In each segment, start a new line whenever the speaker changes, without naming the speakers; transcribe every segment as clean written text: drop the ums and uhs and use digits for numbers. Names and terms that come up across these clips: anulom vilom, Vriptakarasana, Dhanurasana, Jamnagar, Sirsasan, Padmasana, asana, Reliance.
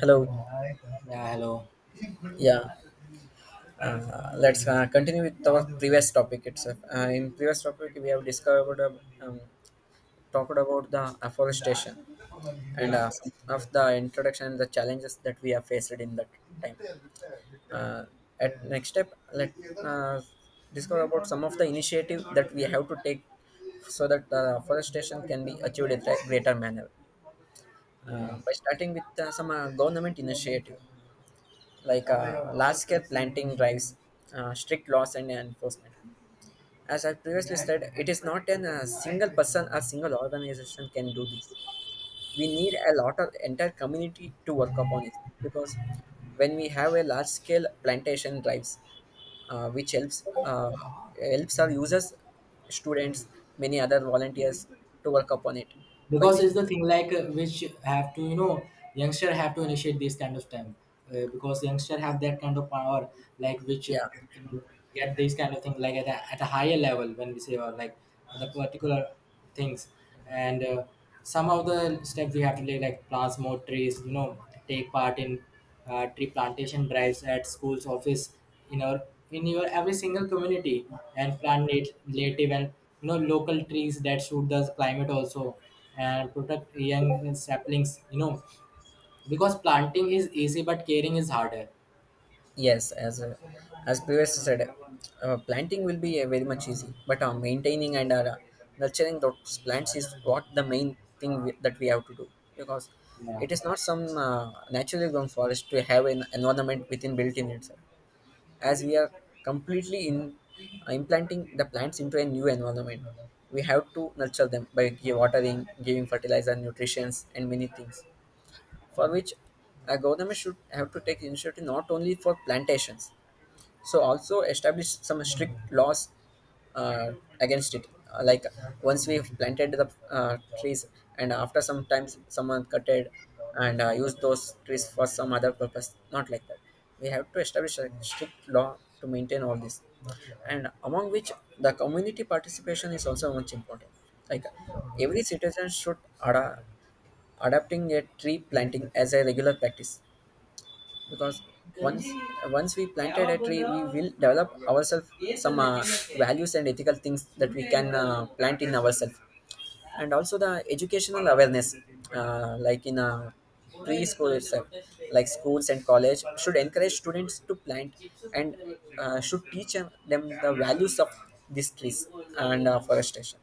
Hello.
Yeah, hello.
Yeah. Let's continue with our previous topic itself. In previous topic, we have discovered talked about the afforestation and
Yeah.
some of the introduction and the challenges that we have faced in that time. Uh, at next step, let uh, discover about some of the initiative that we have to take so that the afforestation can be achieved in a greater manner.
Yeah,
By starting with some government initiative, like large-scale planting drives, strict laws and enforcement. As I previously said, it is not an a single person or single organization can do this. We need a lot of entire community to work upon it because when we have a large-scale plantation drives, which helps our users, students, many other volunteers to work upon it, by
because
which,
it's the thing like which have to youngster have to initiate this kind of time, because youngster have that kind of power like which
yeah.
get these kind of thing like at a higher level when we say about like the particular things, and some of the steps we have to take like plant more trees, take part in tree plantation drives at schools office, in our in your every single community, and plant native and, local trees that suit the climate also, and protect young saplings, because planting is easy but caring is harder.
Yes, as previously said, planting will be very much easy, but maintaining and nurturing those plants is what the main thing that we have to do, because
Yeah.
it is not some naturally grown forest to have an environment within built in itself. As we are completely in implanting the plants into a new environment, we have to nurture them by watering, giving fertilizer, nutrients, and many things for which a government should have to take initiative not only for plantations so also establish some strict laws uh, against it. Like, once we've planted the uh, trees and after some times someone cut it and used those trees for some other purpose, not like that. We have to establish a strict law to maintain all this, and among which the community participation is also much important, like every citizen should ada- adapting a tree planting as a regular practice, because once once we planted a tree we will develop ourselves some values and ethical things that we can plant in ourselves, and also the educational awareness, like in a preschool itself, like schools and college should encourage students to plant and should teach them the values of these trees and forestation,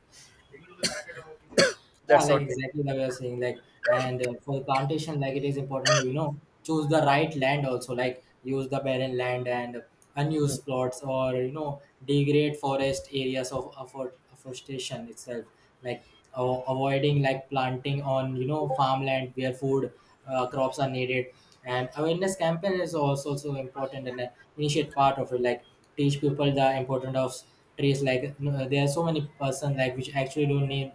Yeah,
that's
like
what.
exactly like you are saying, like, and for the plantation, like it is important, to, choose the right land also, like use the barren land and unused plots, or degrade forest areas of afforestation itself, like avoiding like planting on, farmland where food crops are needed, and awareness campaign is also important, and initiate part of it, like teach people the importance of trees, like there are so many person like which actually don't need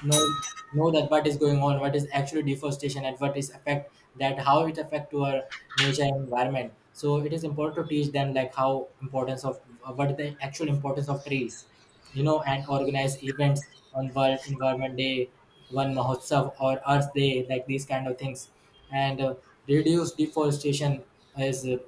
know know that what is going on, what is actually deforestation, and what is affect, that how it affect to our nature and environment, so it is important to teach them like how importance of what is the actual importance of trees, and organize events on World Environment Day, one mahotsav or Earth Day, like these kind of things. And reduce deforestation is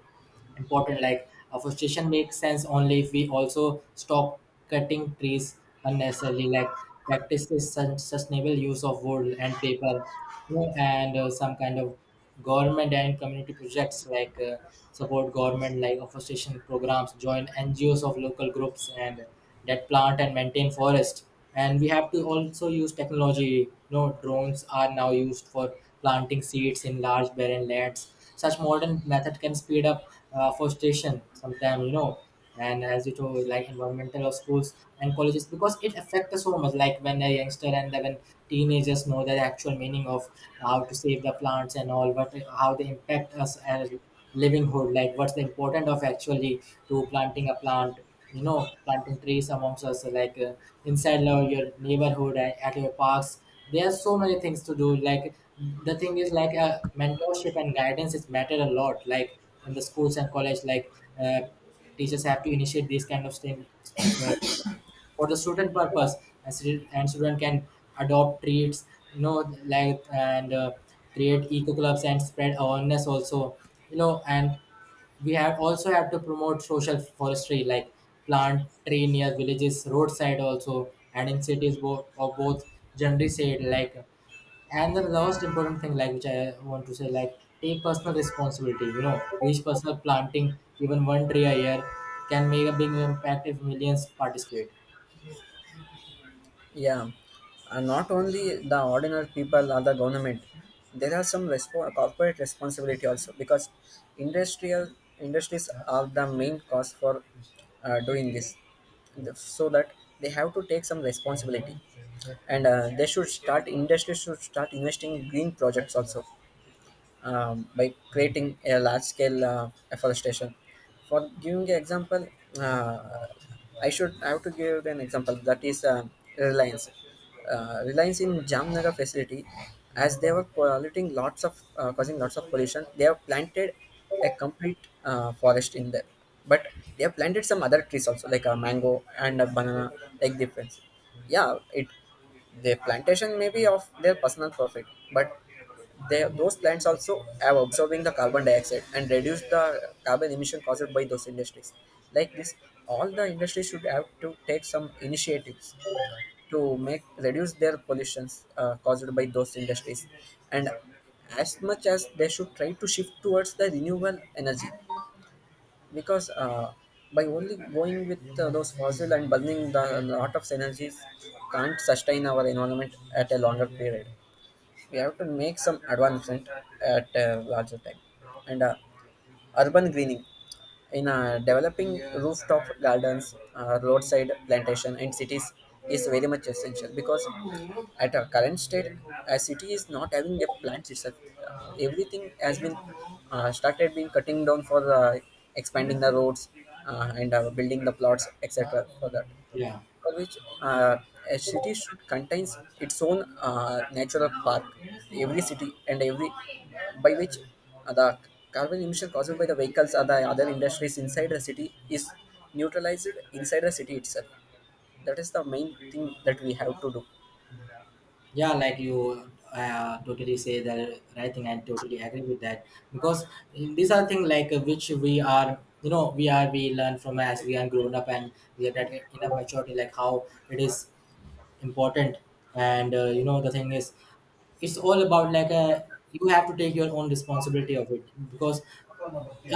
important, like afforestation makes sense only if we also stop cutting trees unnecessarily, like practices sustainable use of wood and paper, and some kind of government and community projects like, support government like afforestation programs, join NGOs of local groups and that plant and maintain forest. And we have to also use technology, drones are now used for planting seeds in large barren lands. Such modern method can speed up forestation sometime, and as you told like environmental of schools and colleges, because it affects us so much, like when a youngster, and then when teenagers know the actual meaning of how to save the plants and all, but how they impact us as livinghood, like what's the importance of actually to planting a plant, planting trees amongst us like, inside your neighborhood and at your parks. There are so many things to do, like the thing is like mentorship and guidance is matter a lot, like in the schools and college, like uh, teachers have to initiate these kind of things, uh, for the student purpose, and student can adopt treats, you know like and create eco clubs and spread awareness also, and we have also have to promote social forestry, like plant tree near villages roadside also, and in cities, both, generally said like. And the last important thing like which I want to say, like take personal responsibility, each personal planting even one tree a year can make a big impact if millions participate.
Yeah, and not only the ordinary people or the government, there are some corporate responsibility also, because industrial industries are the main cause for doing this. So that they have to take some responsibility, and they should start industries should start investing in green projects also, by creating a large scale afforestation. For giving an example, uh, I have to give an example that is Reliance. Reliance in Jamnagar facility, as they were polluting lots of causing lots of pollution, they have planted a complete forest in there. But they have planted some other trees also, like a mango and a banana, like difference. Yeah, it the plantation may be of their personal profit, but they, those plants also are absorbing the carbon dioxide and reduce the carbon emission caused by those industries. Like this, all the industries should have to take some initiatives to make reduce their pollutions caused by those industries, and as much as they should try to shift towards the renewable energy, because by only going with those fossil and burning the lot of energies can't sustain our environment at a longer period. We have to make some advancement at larger time, and urban greening in developing rooftop gardens, roadside plantation and cities is very much essential, because at our current state a city is not having a plants itself. Everything has been started being cutting down for expanding the roads, and building the plots etc for that,
Yeah.
for which a city should contains its own natural park, every city and every, by which the carbon emission caused by the vehicles or the other industries inside the city is neutralized inside the city itself. That is the main thing that we have to
Yeah, like you totally say the right thing. I totally agree with that, because these are things like which we are, we learn from as we are grown up, and we are that in our maturity, like how it is important. And the thing is, it's all about like, a you have to take your own responsibility of it, because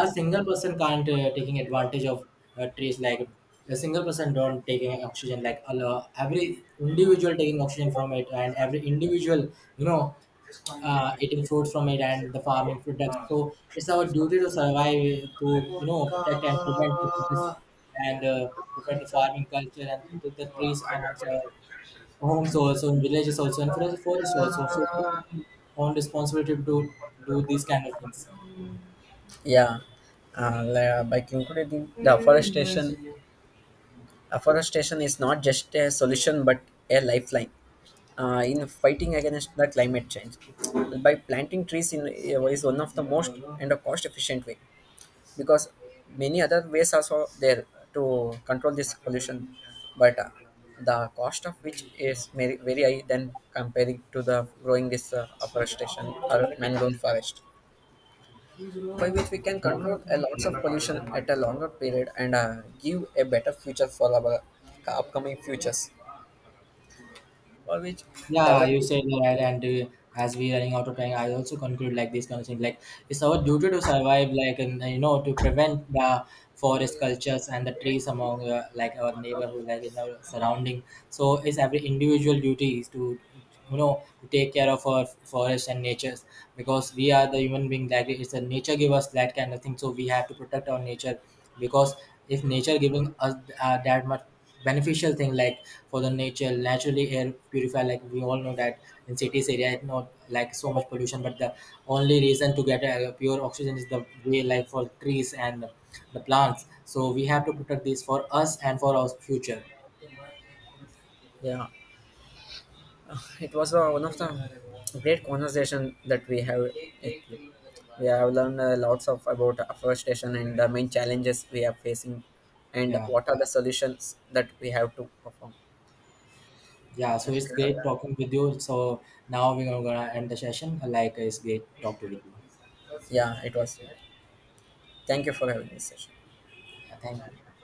a single person can't, taking advantage of trees, like a single person don't taking oxygen like every individual taking oxygen from it, and every individual, you know eating fruits from it and the farming products, so it's our duty to survive, to protect and prevent the forests, and prevent the farming culture and protect the trees amongst our
do.
homes also, in villages also, and for the forest also, so it's our own responsibility to do these kind of things.
Yeah, by concluding, the afforestation is not just a solution but a lifeline in fighting against the climate change. By planting trees in is one of the most and a cost efficient way, because many other ways also there to control this pollution, but the cost of which is very, very high than comparing to the growing this afforestation or mangrove forest, by which we can control a lots of pollution at a longer period and give a better future for our upcoming futures, for which
Yeah, you
developing.
said right, and as we running out of time, I also conclude like this kind of thing. Like it's our duty to survive, like, and to prevent the forest cultures and the trees among, like our neighborhood, like in our surrounding. So it's every individual duty is to to take care of our forest and natures, because we are the human being. Like it's a nature give us that kind of thing, so we have to protect our nature, because if nature giving us that much beneficial thing, like for the nature naturally air purifier, like we all know that in cities area it's not like so much pollution, but the only reason to get a pure oxygen is the way like for trees and the plants, so we have to protect this for us and for our future.
Yeah, it was one of the great conversation that we have it, we have learned lots of about afforestation and the main challenges we are facing and
Yeah.
what are the solutions that we have to perform.
Yeah, so it's great talking with you, so now we're gonna end the session, like it's great talk to with you.
Yeah, it was, thank you for having this session.
Yeah, thank you.